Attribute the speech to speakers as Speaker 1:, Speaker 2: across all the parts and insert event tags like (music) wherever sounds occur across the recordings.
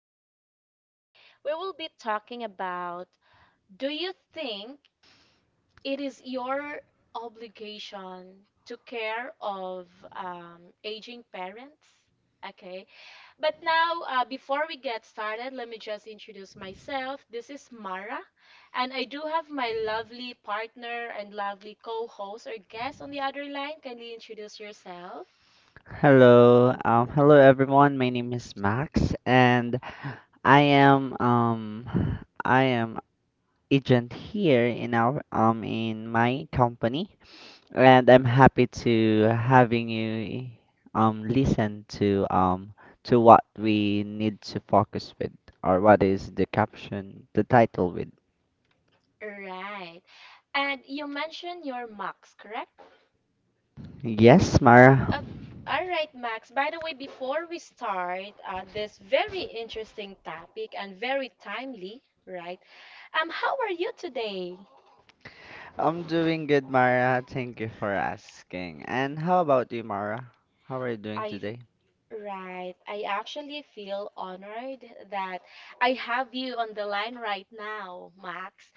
Speaker 1: for today, we will be talking about do you think it is your obligation to care of aging parents? Okay, but now before we get started, let me just introduce myself. This is Mara, and I do have my lovely partner and lovely co host or guest on the other line. Kindly introduce yourself.
Speaker 2: Hello, hello everyone. My name is Max, and I am um, I am agent here in our in my company, and I'm happy to having you listen to what we need to focus with or what is the caption, the title with.
Speaker 1: Right. And you mentioned your Max, correct?
Speaker 2: Yes, Mara.
Speaker 1: Uh, all right, Max. By the way, before we start this very interesting topic and very timely, right? How are you today?
Speaker 2: I'm doing good, Mara. Thank you for asking. And how about you, Mara? How are you doing
Speaker 1: I
Speaker 2: today?
Speaker 1: Right. I actually feel honored that I have you on the line right now, Max.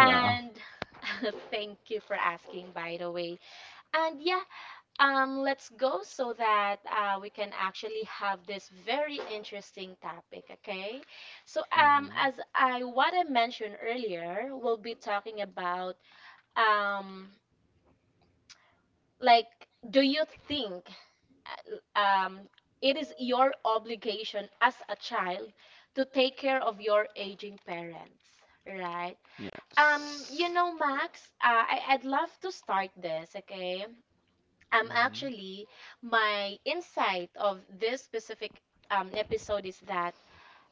Speaker 2: (laughs) Wow.
Speaker 1: (laughs) thank you for asking, by the way. And yeah, let's go so that we can actually have this very interesting topic, okay? So,
Speaker 2: Mm-hmm.
Speaker 1: as I what I mentioned earlier, we'll be talking about um, like, do you think um, it is your obligation as a child to take care of your aging parents, right?
Speaker 2: Yes.
Speaker 1: You know, Max, I'd love to start this, okay?
Speaker 2: Mm-hmm.
Speaker 1: Actually, my insight of this specific episode is that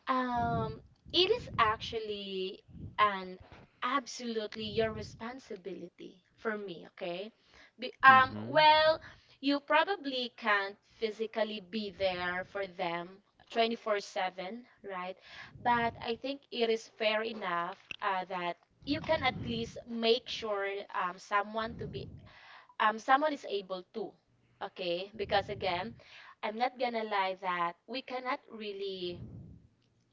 Speaker 1: um it is actually an absolutely your responsibility for me, okay. Be,
Speaker 2: Mm-hmm.
Speaker 1: well, you probably can't physically be there for them 24/7, right? But I think it is fair enough, that you can at least make sure um, someone to be someone is able to, okay, because again, I'm not gonna lie that we cannot really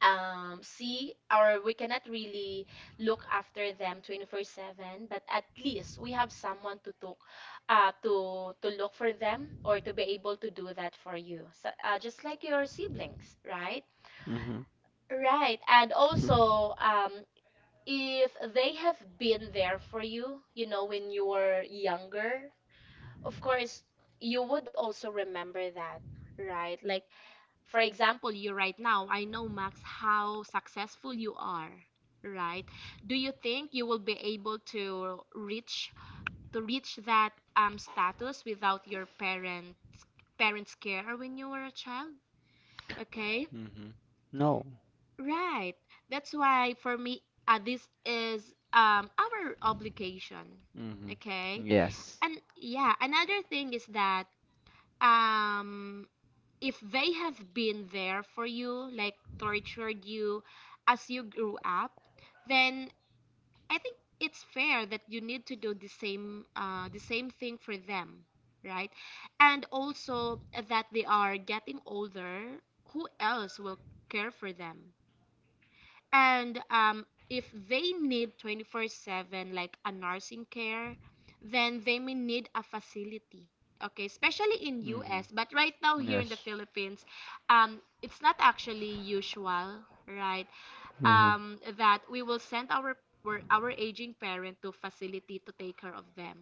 Speaker 1: see, or we cannot really look after them 24/7, but at least we have someone to talk to look for them, or to be able to do that for you, so, just like your siblings, right?
Speaker 2: Mm-hmm.
Speaker 1: Right. And
Speaker 2: Mm-hmm.
Speaker 1: also, if they have been there for you, you know, when you were younger, of course you would also remember that, right? Like for example, you right now, I know, Max, how successful you are, right? Do you think you will be able to reach that status without your parents care when you were a child? Okay,
Speaker 2: (laughs) No.
Speaker 1: right. That's why for me, this is our obligation,
Speaker 2: Mm-hmm.
Speaker 1: okay.
Speaker 2: Yes.
Speaker 1: And yeah, another thing is that, um if they have been there for you, like tortured you as you grew up, then I think it's fair that you need to do the same thing for them, right? And also, that they are getting older, who else will care for them, and if they need 24/7, like a nursing care, then they may need a facility. Okay, especially in US, but right now
Speaker 2: Mm-hmm.
Speaker 1: here in the
Speaker 2: Yes.
Speaker 1: Philippines, it's not actually usual, right? That we will send our aging parent to facility to take care of them.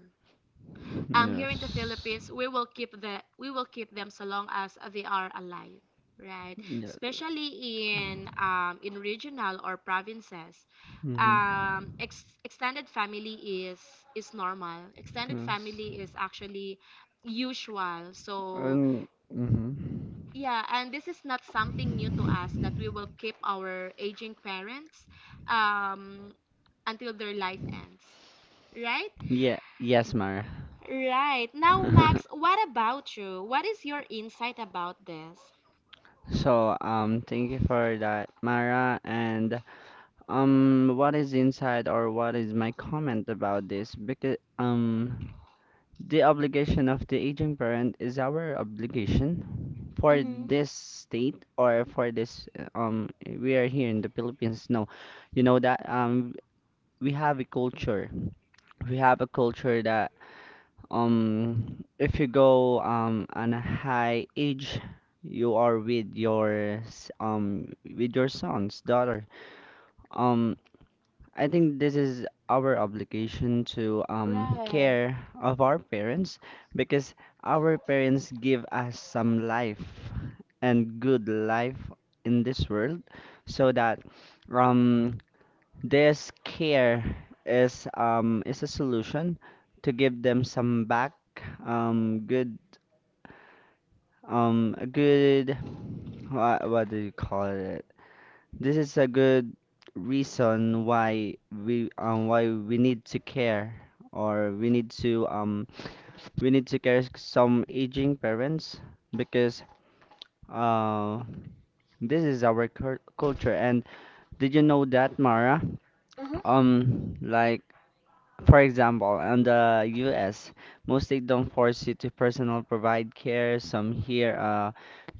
Speaker 2: Mm-hmm.
Speaker 1: Here in the Philippines we will keep them so long as they are alive, right?
Speaker 2: Yes.
Speaker 1: Especially in regional or provinces,
Speaker 2: Mm. (laughs)
Speaker 1: extended family is normal. Extended family is actually usual, so,
Speaker 2: Mm-hmm.
Speaker 1: yeah, and this is not something new to us, that we will keep our aging parents um until their life ends, right?
Speaker 2: Yeah. Yes, Mara.
Speaker 1: Right. Now, Max, what about you? What is your insight
Speaker 2: (laughs)
Speaker 1: about this?
Speaker 2: So, thank you for that, Mara. And What is inside or what is my comment about this? Because the obligation of the aging parent is our obligation for
Speaker 1: Mm-hmm.
Speaker 2: this state or for this we are here in the Philippines. No, you know that we have a culture. We have a culture that if you go on a high age, you are with your with your sons daughter. um I think this is our obligation to
Speaker 1: Right.
Speaker 2: care of our parents, because our parents give us some life and good life in this world, so that um this care is a solution to give them some back good, a good, what do you call it? This is a good reason why we need to care or we need to care some aging parents because uh this is our cur culture. And did you know that, Mara?
Speaker 1: Mm-hmm.
Speaker 2: Like, for example, in the US, most states don't force you to personal provide care. Some here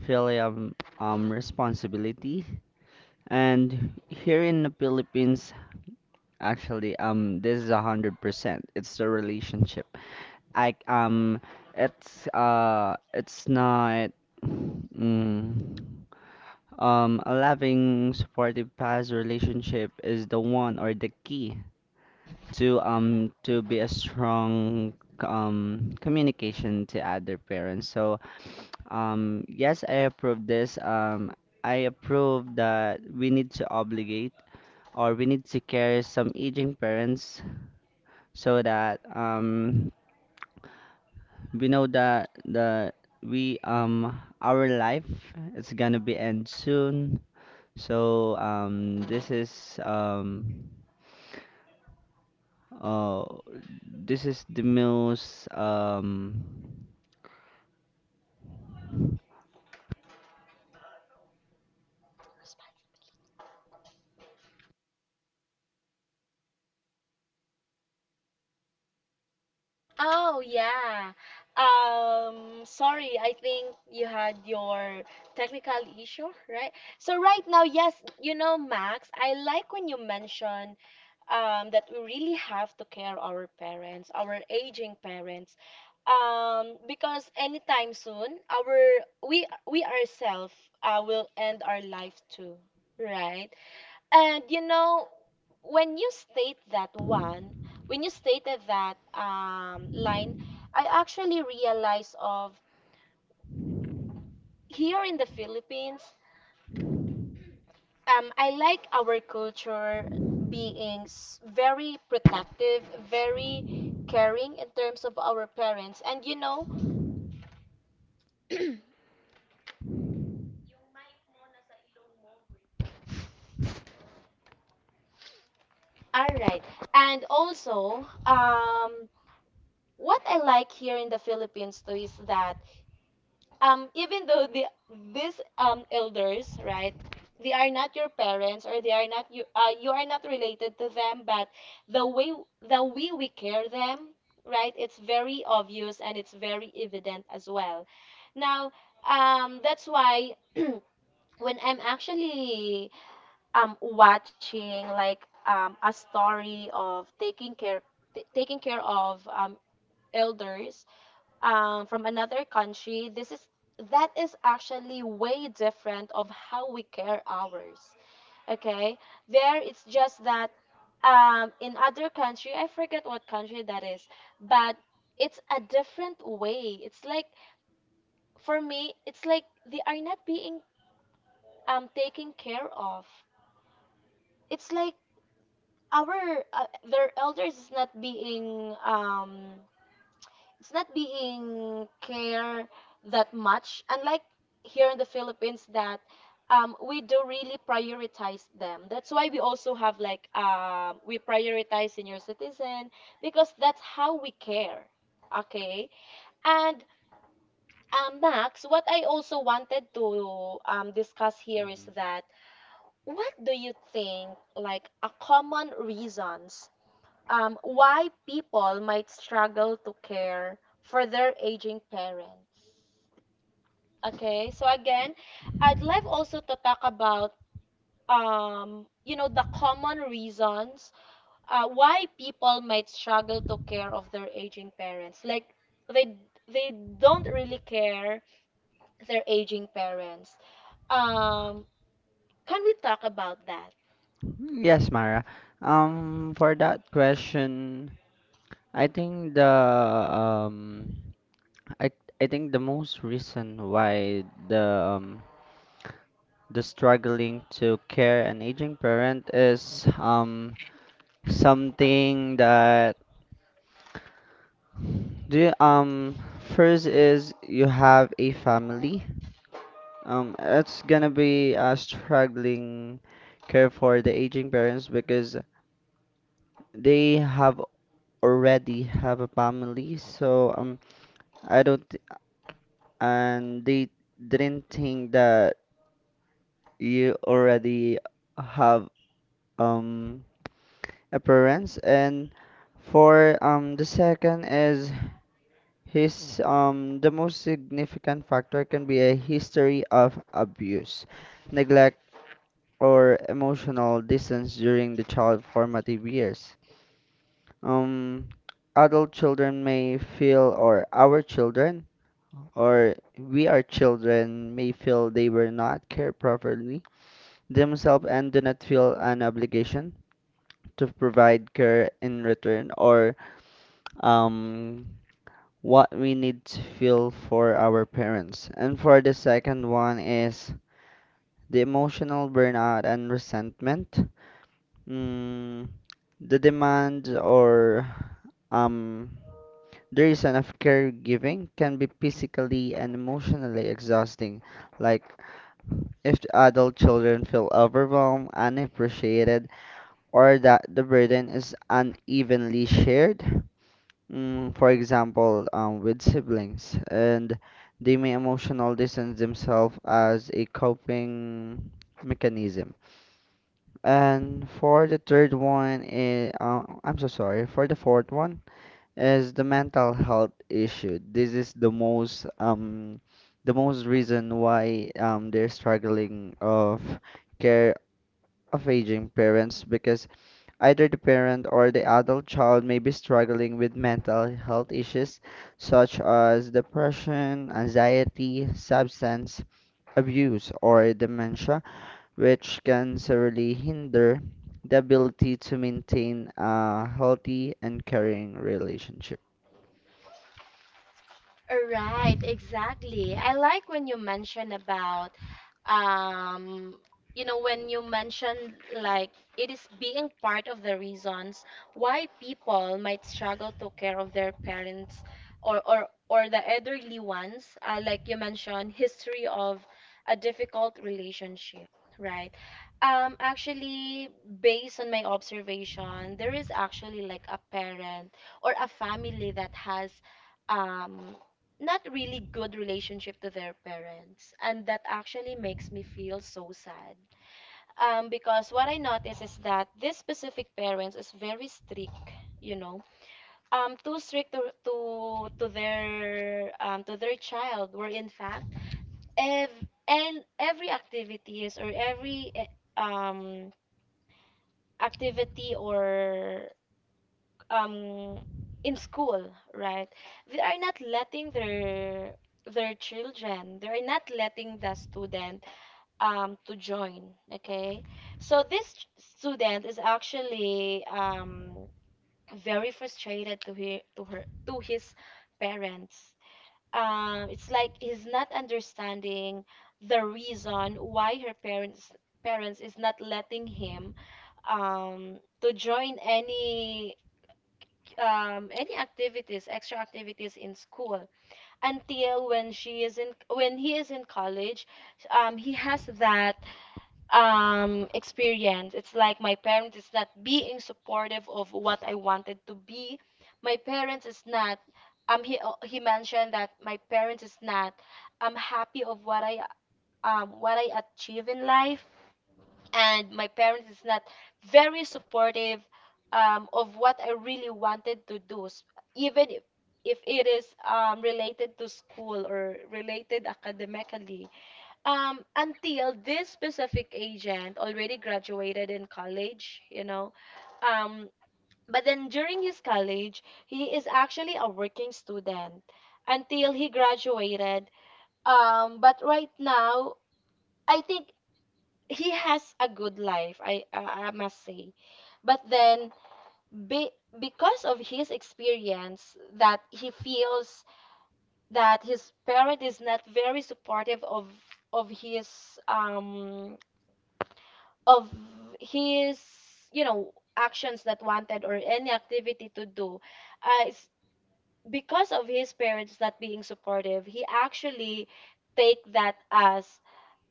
Speaker 2: filial responsibility. And here in the Philippines, actually, this is 100%. It's the relationship. I it's It's not. Mm, a loving, supportive past relationship is the one or the key to be a strong communication to other parents. So yes, I approve this. I approve that we need to obligate or we need to care some aging parents, so that we know that the we our life is gonna be end soon. So uh this is the most
Speaker 1: Oh yeah. Sorry, I think you had your technical issue, right? So right now, yes, you know, Max, I like when you mention that we really have to care our parents, our aging parents, because anytime soon, our we ourselves will end our life too, right? And you know, when you state that one, when you stated that line, I actually realized of here in the Philippines, I like our culture being very protective, very caring in terms of our parents. And you know, all right. And also, what I like here in the Philippines too is that even though the these elders, right, they are not your parents, or they are not you, you are not related to them, but the way we care them, right, it's very obvious and it's very evident as well now. That's why (clears throat) when I'm actually watching like a story of taking care of elders from another country, this is that is actually way different of how we care ours. Okay, there it's just that in other country, I forget what country that is, but it's a different way. It's like for me, it's like they are not being taken care of. It's like our their elders is not being it's not being care that much, unlike here in the philippines, that we do really prioritize them, that's why we also have like we prioritize senior citizen, because that's how we care, okay. And Max, what I also wanted to discuss here is
Speaker 2: Mhm.
Speaker 1: that, what do you think like a common reasons why people might struggle to care for their aging parents? Okay, so again, I'd love also to talk about you know, the common reasons why people might struggle to care of their aging parents. Like they they don't really care their aging parents. Um, can we talk about that?
Speaker 2: Yes, Mara. For that question, I think the um, I I think the most reason why um the struggling to care an aging parent is something that do you, first is you have a family. It's gonna be a struggling care for the aging parents because they have already have a family. So I don't thi- and they didn't think that you already have um a parents. And for the second is his the most significant factor can be a history of abuse, neglect or emotional distance during the child formative years. Um, adult children may feel, or our children, or we are children may feel they were not cared properly themselves and do not feel an obligation to provide care in return or um what we need to feel for our parents. And for the second one is the emotional burnout and resentment. Mm, the demand or um, the reason of caregiving can be physically and emotionally exhausting. Like, if the adult children feel overwhelmed, unappreciated, or that the burden is unevenly shared. For example, with siblings, and they may emotional distance themselves as a coping mechanism. And for the third one, is, I'm so sorry. For the fourth one is the mental health issue. This is the most reason why they're struggling of care of aging parents because either the parent or the adult child may be struggling with mental health issues such as depression, anxiety, substance abuse, or dementia, which can severely hinder the ability to maintain a healthy and caring relationship.
Speaker 1: Right, exactly. I like when you mention about, um, you know, when you mention like it is being part of the reasons why people might struggle to care of their parents, or the elderly ones, like you mentioned, history of a difficult relationship, right? Actually, based on my observation, there is actually like a parent or a family that has um not really good relationship to their parents, and that actually makes me feel so sad, because what I notice is that this specific parents is very strict, you know, too strict to their child, where in fact, and every activities, or every um, activity or um in school, right, they are not letting their children they are not letting the student to join, okay. So this student is actually very frustrated to his parents. It's like he's not understanding the reason why her parents is not letting him to join any activities, extra activities in school, until when he is in college. He has that experience, it's like, my parents is not being supportive of what I wanted to be, my parents is not he mentioned that my parents is not happy of what I achieve in life, and my parents is not very supportive, of what I really wanted to do. Even if it is related to school, or related academically. Until this specific agent already graduated in college, you know. Um, but then during his college, he is actually a working student until he graduated. But right now, I think he has a good life, I must say. But then, be, because of his experience, that he feels that his parent is not very supportive of his of his you know actions that wanted, or any activity to do, it's because of his parents not being supportive, he actually take that as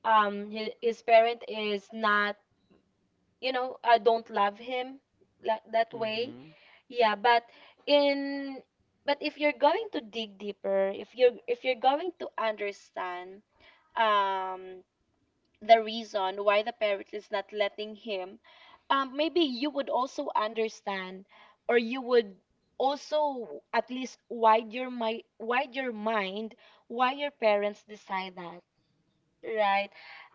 Speaker 1: his parent is not, you know, don't love him like that way.
Speaker 2: Mm-hmm.
Speaker 1: Yeah, but in but if you're going to dig deeper, if you are if you're going to understand um, the reason why the parent is not letting him, maybe you would also understand, or you would also at least wide your mind, why your parents decide that, right?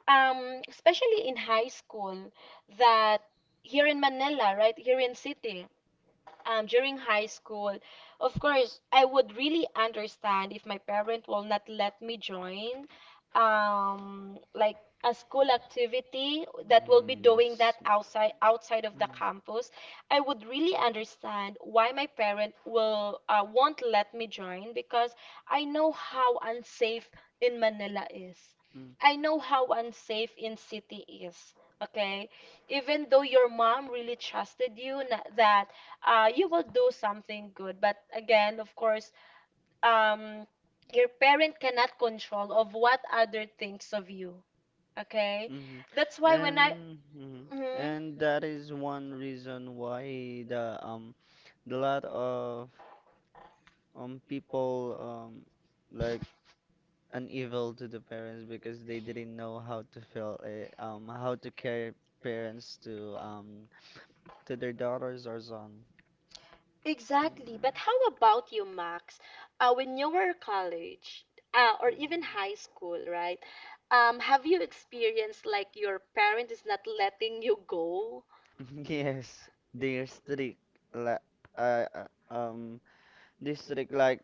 Speaker 1: Especially in high school, that here in Manila, right here in city, during high school, of course, I would really understand if my parent will not let me join like a school activity that will be
Speaker 2: Mm,
Speaker 1: doing that
Speaker 2: yes.
Speaker 1: outside of the campus. I would really understand why my parent will won't let me join, because I know how unsafe in Manila is.
Speaker 2: Mm,
Speaker 1: I know how unsafe in city is. Okay? Even though your mom really trusted you, that you will do something good, but again, of course, um, your parent cannot control of what other thinks of you, okay. That's
Speaker 2: mm-hmm.
Speaker 1: why when I
Speaker 2: And mhm.
Speaker 1: Mhm.
Speaker 2: And that is one reason why the lot of people like an evil to the parents, because they didn't know how to feel it, how to care parents to their daughters or son. Mm,
Speaker 1: Exactly. But how about you, Max? When you were college, or even high school, right? Have you experienced like your parent is not letting you go?
Speaker 2: mm. (laughs) Yes, they're strict. Like, uh, uh, um, they're strict. Like,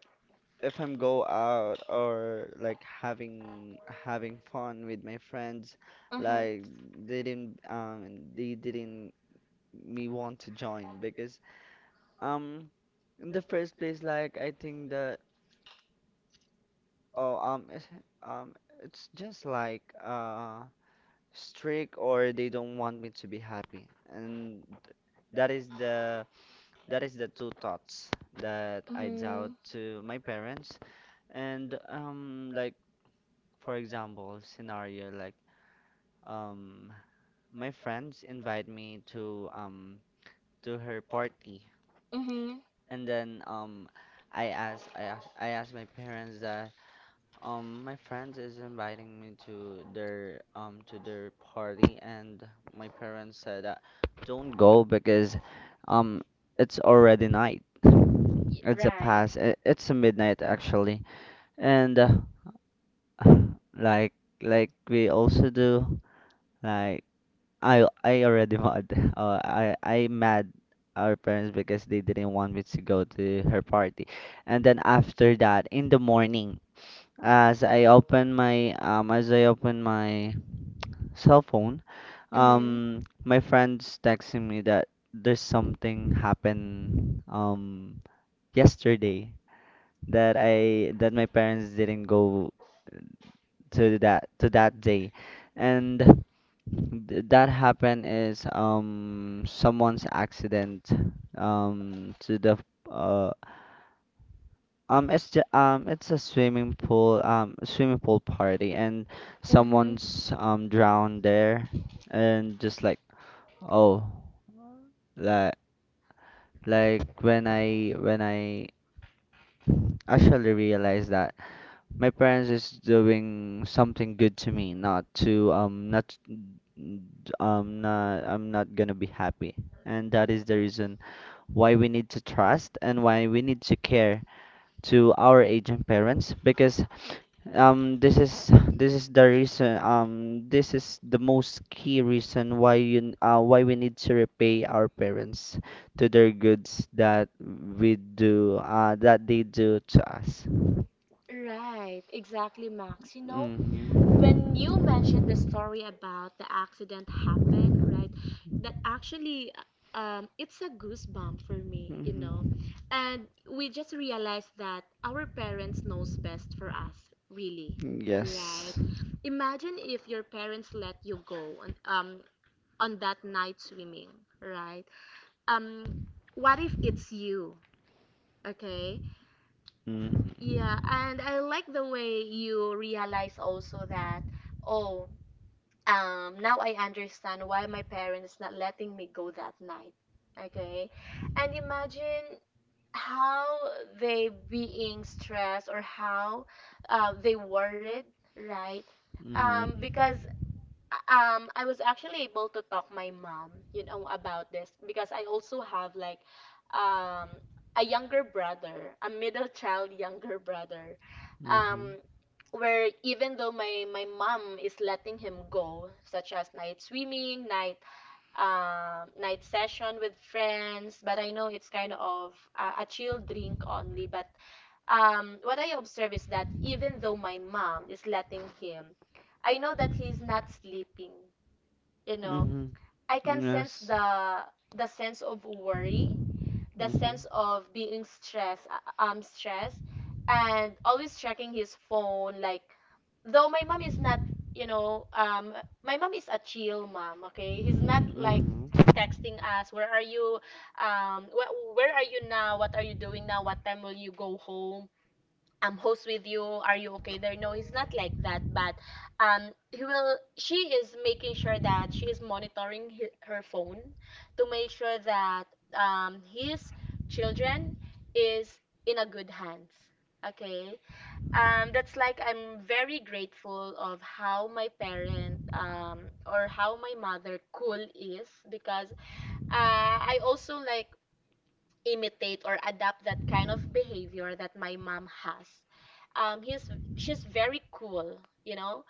Speaker 2: if I'm go out or like having fun with my friends,
Speaker 1: Mm-hmm.
Speaker 2: like they didn't me want to join because Um, in the first place, like I think that oh um it's, um it's just like strict, or they don't want me to be happy, and that is the that is the two thoughts that I
Speaker 1: Mm-hmm.
Speaker 2: doubt to my parents, and like, for example, scenario, like um my friends invite me to her party,
Speaker 1: Mm-hmm.
Speaker 2: and then I ask my parents that. My friends is inviting me to their party, and my parents said that don't go because um it's already night. It's a
Speaker 1: Right.
Speaker 2: past. It's a midnight actually, and (laughs) (sighs) like like we also do, like I already mad. (laughs) I I mad our parents because they didn't want me to go to her party, and then after that in the morning. As I open my cell phone,
Speaker 1: Mm-hmm.
Speaker 2: my friend's texting me that there's something happened yesterday, that I that my parents didn't go to that day, and that happened is someone's accident to the uh it's a swimming pool party, and
Speaker 1: Mm-hmm.
Speaker 2: someone's drowned there, and just like, oh, like like when I actually realized that my parents is doing something good to me, not to not not I'm not gonna be happy, and that is the reason why we need to trust and why we need to care to our aging parents because this is the reason. This is the most key reason why you why we need to repay our parents to their goods that we do that they do to us.
Speaker 1: Right, exactly, Max. You know,
Speaker 2: Mm-hmm.
Speaker 1: when you mentioned the story about the accident happened, right? That actually, it's a goosebump for me, you know.
Speaker 2: Mm-hmm.
Speaker 1: And we just realized that our parents knows best for us, really, right?
Speaker 2: Yes.
Speaker 1: Imagine if your parents let you go on that night swimming, right? Um, what if it's you? Okay. Yeah,
Speaker 2: Mm-hmm.
Speaker 1: and I like the way you realize also that, oh, now I understand why my parents not letting me go that night. Okay, and imagine how they being stressed or how they worried, right? Because I was actually able to talk my mom, about this because I also have like um a younger brother, a middle child younger brother.
Speaker 2: Mm-hmm.
Speaker 1: Um where even though my mom is letting him go such as night swimming, night night session with friends, but I know it's kind of a chill drink only, but what I observe is that even though my mom is letting him, I know that he's not sleeping, you know
Speaker 2: Mm-hmm.
Speaker 1: I can sense
Speaker 2: Yes.
Speaker 1: the sense of worry, the sense of being stressed, stressed, and always checking his phone. Like, though my mom is not, you know um my mom is a chill mom, okay, he's not like
Speaker 2: Mm-hmm.
Speaker 1: texting us, where are you, where are you now, what are you doing now, what time will you go home, host with you, are you okay there? No, he's not like that, but he will she is making sure that she is monitoring hi her phone to make sure that his children is in a good hands. Okay. That's like I'm very grateful of how my parent or how my mother cool is, because I also like imitate or adapt that kind of behavior that my mom has. He's she's very cool, you know.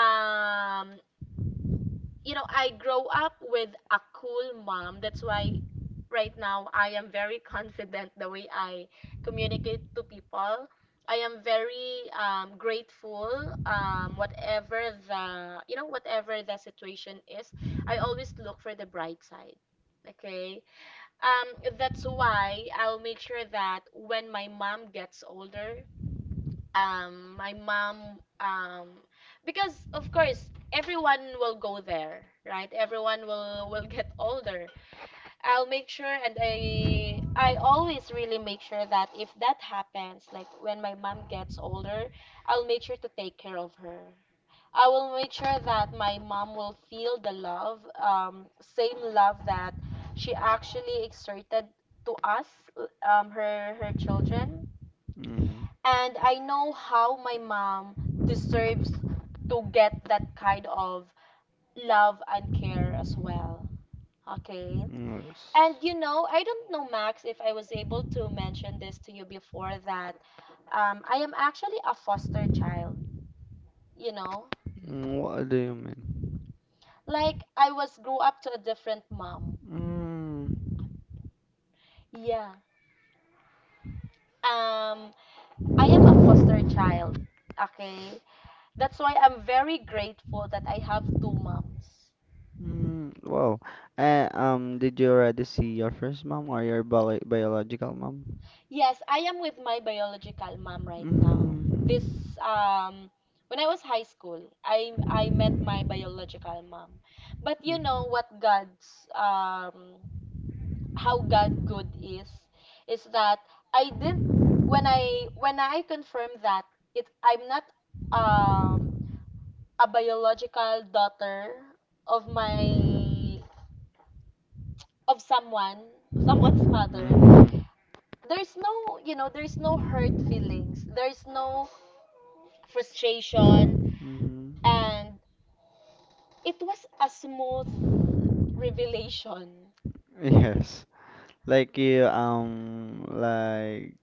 Speaker 1: Um, you know, I grow up with a cool mom. That's why right now I am very (laughs) confident the way I communicate to people. I am very grateful. Whatever the whatever the situation is, I always look for the bright side. Okay. That's why I'll make sure that when my mom gets older, um, my mom, um, because of course everyone will go there, right? Everyone will get older. I'll make sure, and I always really make sure that if that happens, like when my mom gets older, I'll make sure to take care of her. I will make sure that my mom will feel the love, same love that she actually exerted to us, her children.
Speaker 2: Mm-hmm.
Speaker 1: And I know how my mom deserves to get that kind of love and care as well. Okay.
Speaker 2: Yes.
Speaker 1: And you know, I don't know, Max, if I was able to mention this to you before that I am actually a foster child, you know.
Speaker 2: What do you mean?
Speaker 1: Like I was grew up to a different mom.
Speaker 2: Mm,
Speaker 1: Yeah. Um I am a foster child, okay? That's why I'm very grateful that I have two moms.
Speaker 2: wow. Did you already see your first mom or your biological mom?
Speaker 1: Yes, I am with my biological mom right now.
Speaker 2: Mm,
Speaker 1: This um when I was high school, I met my biological mom. But you know what God's how God good is that I didn't when I confirmed that it I'm not um a biological daughter of my of someone (laughs) someone's mother, there's no, you know, there's no hurt feelings, there's no frustration.
Speaker 2: mm-hmm.
Speaker 1: And it was a smooth revelation.
Speaker 2: (laughs) Yes. Like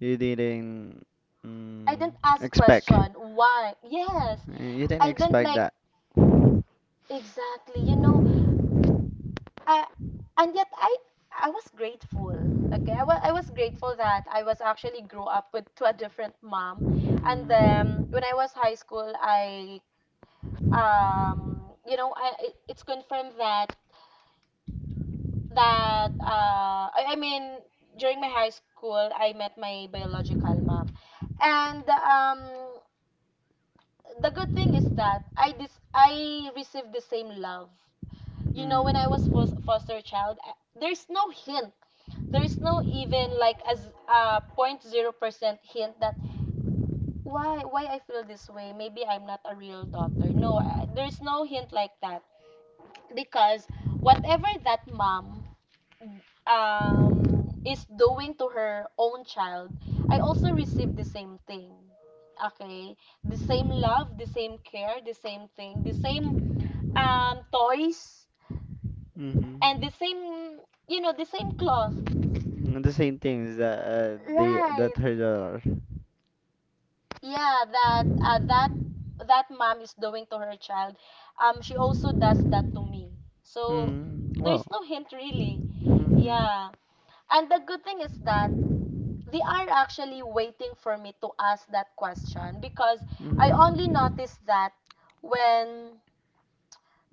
Speaker 2: you didn't
Speaker 1: I
Speaker 2: mm,
Speaker 1: didn't ask
Speaker 2: expect.
Speaker 1: question. Why? Yes.
Speaker 2: You didn't
Speaker 1: I didn't
Speaker 2: expect.
Speaker 1: like exactly. You know, I, and yet I was grateful. Okay, I was grateful that I was actually grew up with to a different mom, and then when I was high school, I you know it's confirmed that I mean during my high school I met my biological mom, and the good thing is that I received the same love. You know, when I was foster child, there's no hint. There's no even like as a point 0% hint that why I feel this way. Maybe I'm not a real daughter. No, there's no hint like that because whatever that mom is doing to her own child, I also received the same thing. Okay, the same love, the same care, the same thing, the same toys,
Speaker 2: Mm-hmm.
Speaker 1: and the same, you know, the same cloth,
Speaker 2: The same things that they that
Speaker 1: right?
Speaker 2: her daughter.
Speaker 1: Yeah, that that mom is doing to her child, she also does that to me, so
Speaker 2: Wow.
Speaker 1: there's no hint really.
Speaker 2: Mm-hmm.
Speaker 1: Yeah, and the good thing is that they are actually waiting for me to ask that question, because I only noticed that when,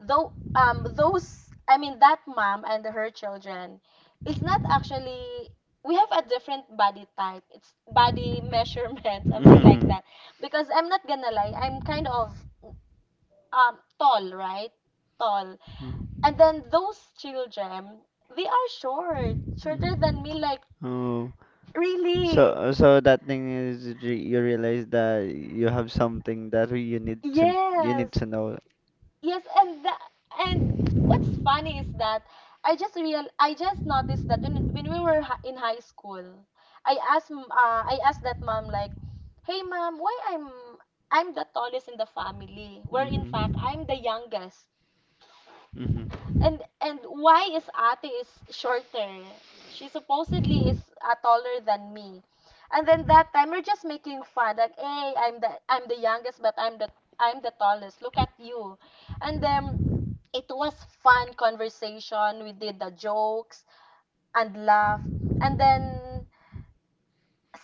Speaker 1: though those, I mean, that mom and her children is not actually, we have a different body type, it's body measurement, (laughs) something like that. Because I'm not gonna lie, I'm kind of tall, right? Tall. And then those children, they are shorter than me, like
Speaker 2: Oh.
Speaker 1: really.
Speaker 2: So that thing is you realize that you have something that you need
Speaker 1: Yes.
Speaker 2: to know.
Speaker 1: Yes, and the, and what's funny is that I just noticed that when we were in high school, I asked I asked that mom like, "Hey mom, why I'm the tallest in the family, where in fact
Speaker 2: Mm-hmm.
Speaker 1: I'm the youngest."
Speaker 2: Mm-hmm.
Speaker 1: And why is Ate is shorter? She supposedly is taller than me. And then that time we're just making fun, like, hey, I'm the youngest, but I'm the tallest. Look at you. And then it was fun conversation. We did the jokes and laugh. And then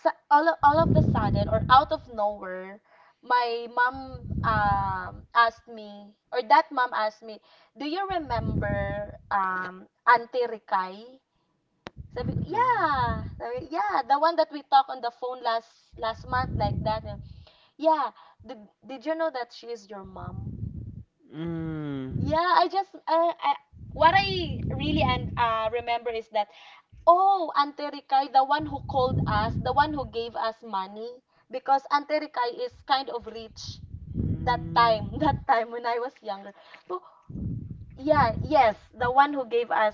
Speaker 1: all of the sudden or out of nowhere, my mom asked me or that mom asked me, "Do you remember Auntie Rikay?" Sabi ko, "Yeah." Sabi, ko, "Yeah, the one that we talked on the phone last last month like that." And, "Yeah, did you know that she is your mom?"
Speaker 2: Mm-hmm.
Speaker 1: Yeah, I, what I really and remember is that, oh, Auntie Ricay, the one who called us, the one who gave us money, because Auntie Ricay is kind of rich that time, (laughs) that time when I was younger. So, yeah, yes, the one who gave us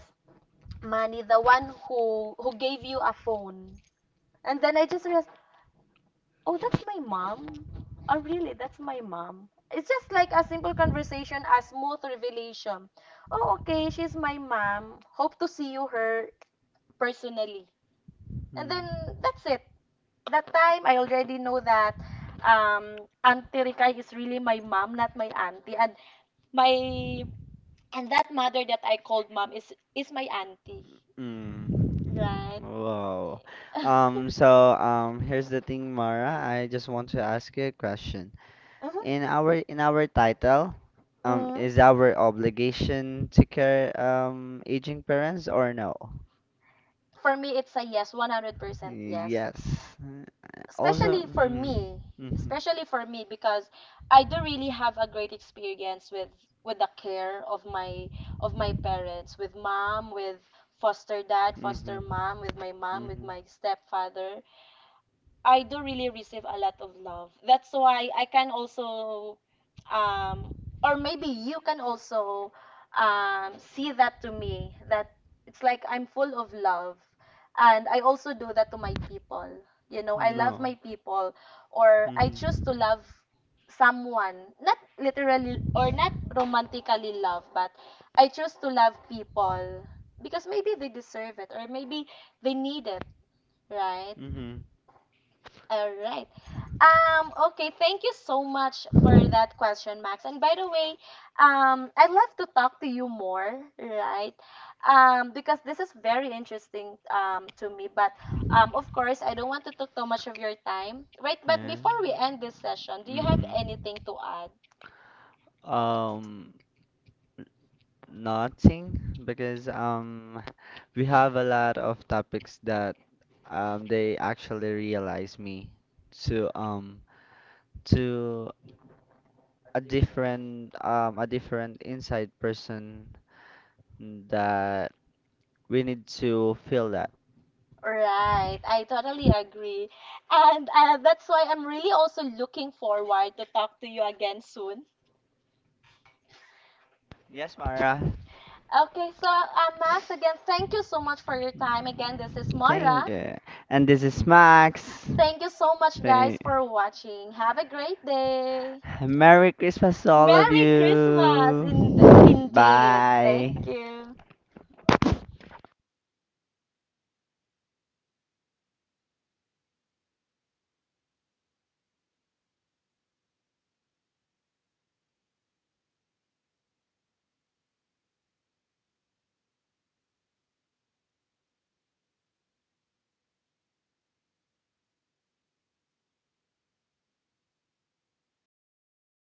Speaker 1: money, the one who gave you a phone. And then I just realized, oh, that's my mom. Oh, really? That's my mom. It's just like a simple conversation, a smooth revelation. Oh, okay, she's my mom. Hope to see you her personally. And then that's it. That time I already know that Auntie Rikay is really my mom, not my auntie. And my and that mother that I called mom is my auntie.
Speaker 2: Mm.
Speaker 1: Right.
Speaker 2: Wow. Um, so here's the thing, Mara. I just want to ask you a question.
Speaker 1: Mm-hmm.
Speaker 2: In our title,
Speaker 1: Mm-hmm.
Speaker 2: is our obligation to care aging parents or no?
Speaker 1: For me it's a yes, 100% yes.
Speaker 2: Yes. Also,
Speaker 1: especially for
Speaker 2: mhm,
Speaker 1: me
Speaker 2: mhm,
Speaker 1: especially for me because I do really have a great experience with the care of my parents, with mom, with foster dad, foster mom, with my mom, with my stepfather. I do really receive a lot of love. That's why I can also, um, or maybe you can also see that to me that it's like I'm full of love. And I also do that to my people. You know, I love
Speaker 2: no.
Speaker 1: my people, or I choose
Speaker 2: Mhm,
Speaker 1: to love someone, not literally or not romantically love, but I choose to love people because maybe they deserve it, or maybe they need it, right?
Speaker 2: mhm,
Speaker 1: All right. Okay, thank you so much for that question, Max. And by the way, I'd love to talk to you more, right? Because this is very interesting to me. But of course, I don't want to take too much of your time, right? But
Speaker 2: yeah,
Speaker 1: before we end this session, do you have
Speaker 2: mhm.
Speaker 1: anything to add?
Speaker 2: Um, nothing, because we have a lot of topics that they actually realize me to um to a different inside person that we need to feel that.
Speaker 1: Right, I totally agree. And that's why I'm really also looking forward to talk to you again soon.
Speaker 2: Yes, Mara.
Speaker 1: Okay, so Max, again, thank you so much for your time. Again, this is
Speaker 2: Thank
Speaker 1: Mara.
Speaker 2: you. And this is Max.
Speaker 1: Thank you so much, guys,
Speaker 2: Thank.
Speaker 1: for watching. Have a great day.
Speaker 2: Merry Christmas to all of
Speaker 1: Merry Christmas,
Speaker 2: you.
Speaker 1: indeed. Thank
Speaker 2: Bye.
Speaker 1: you.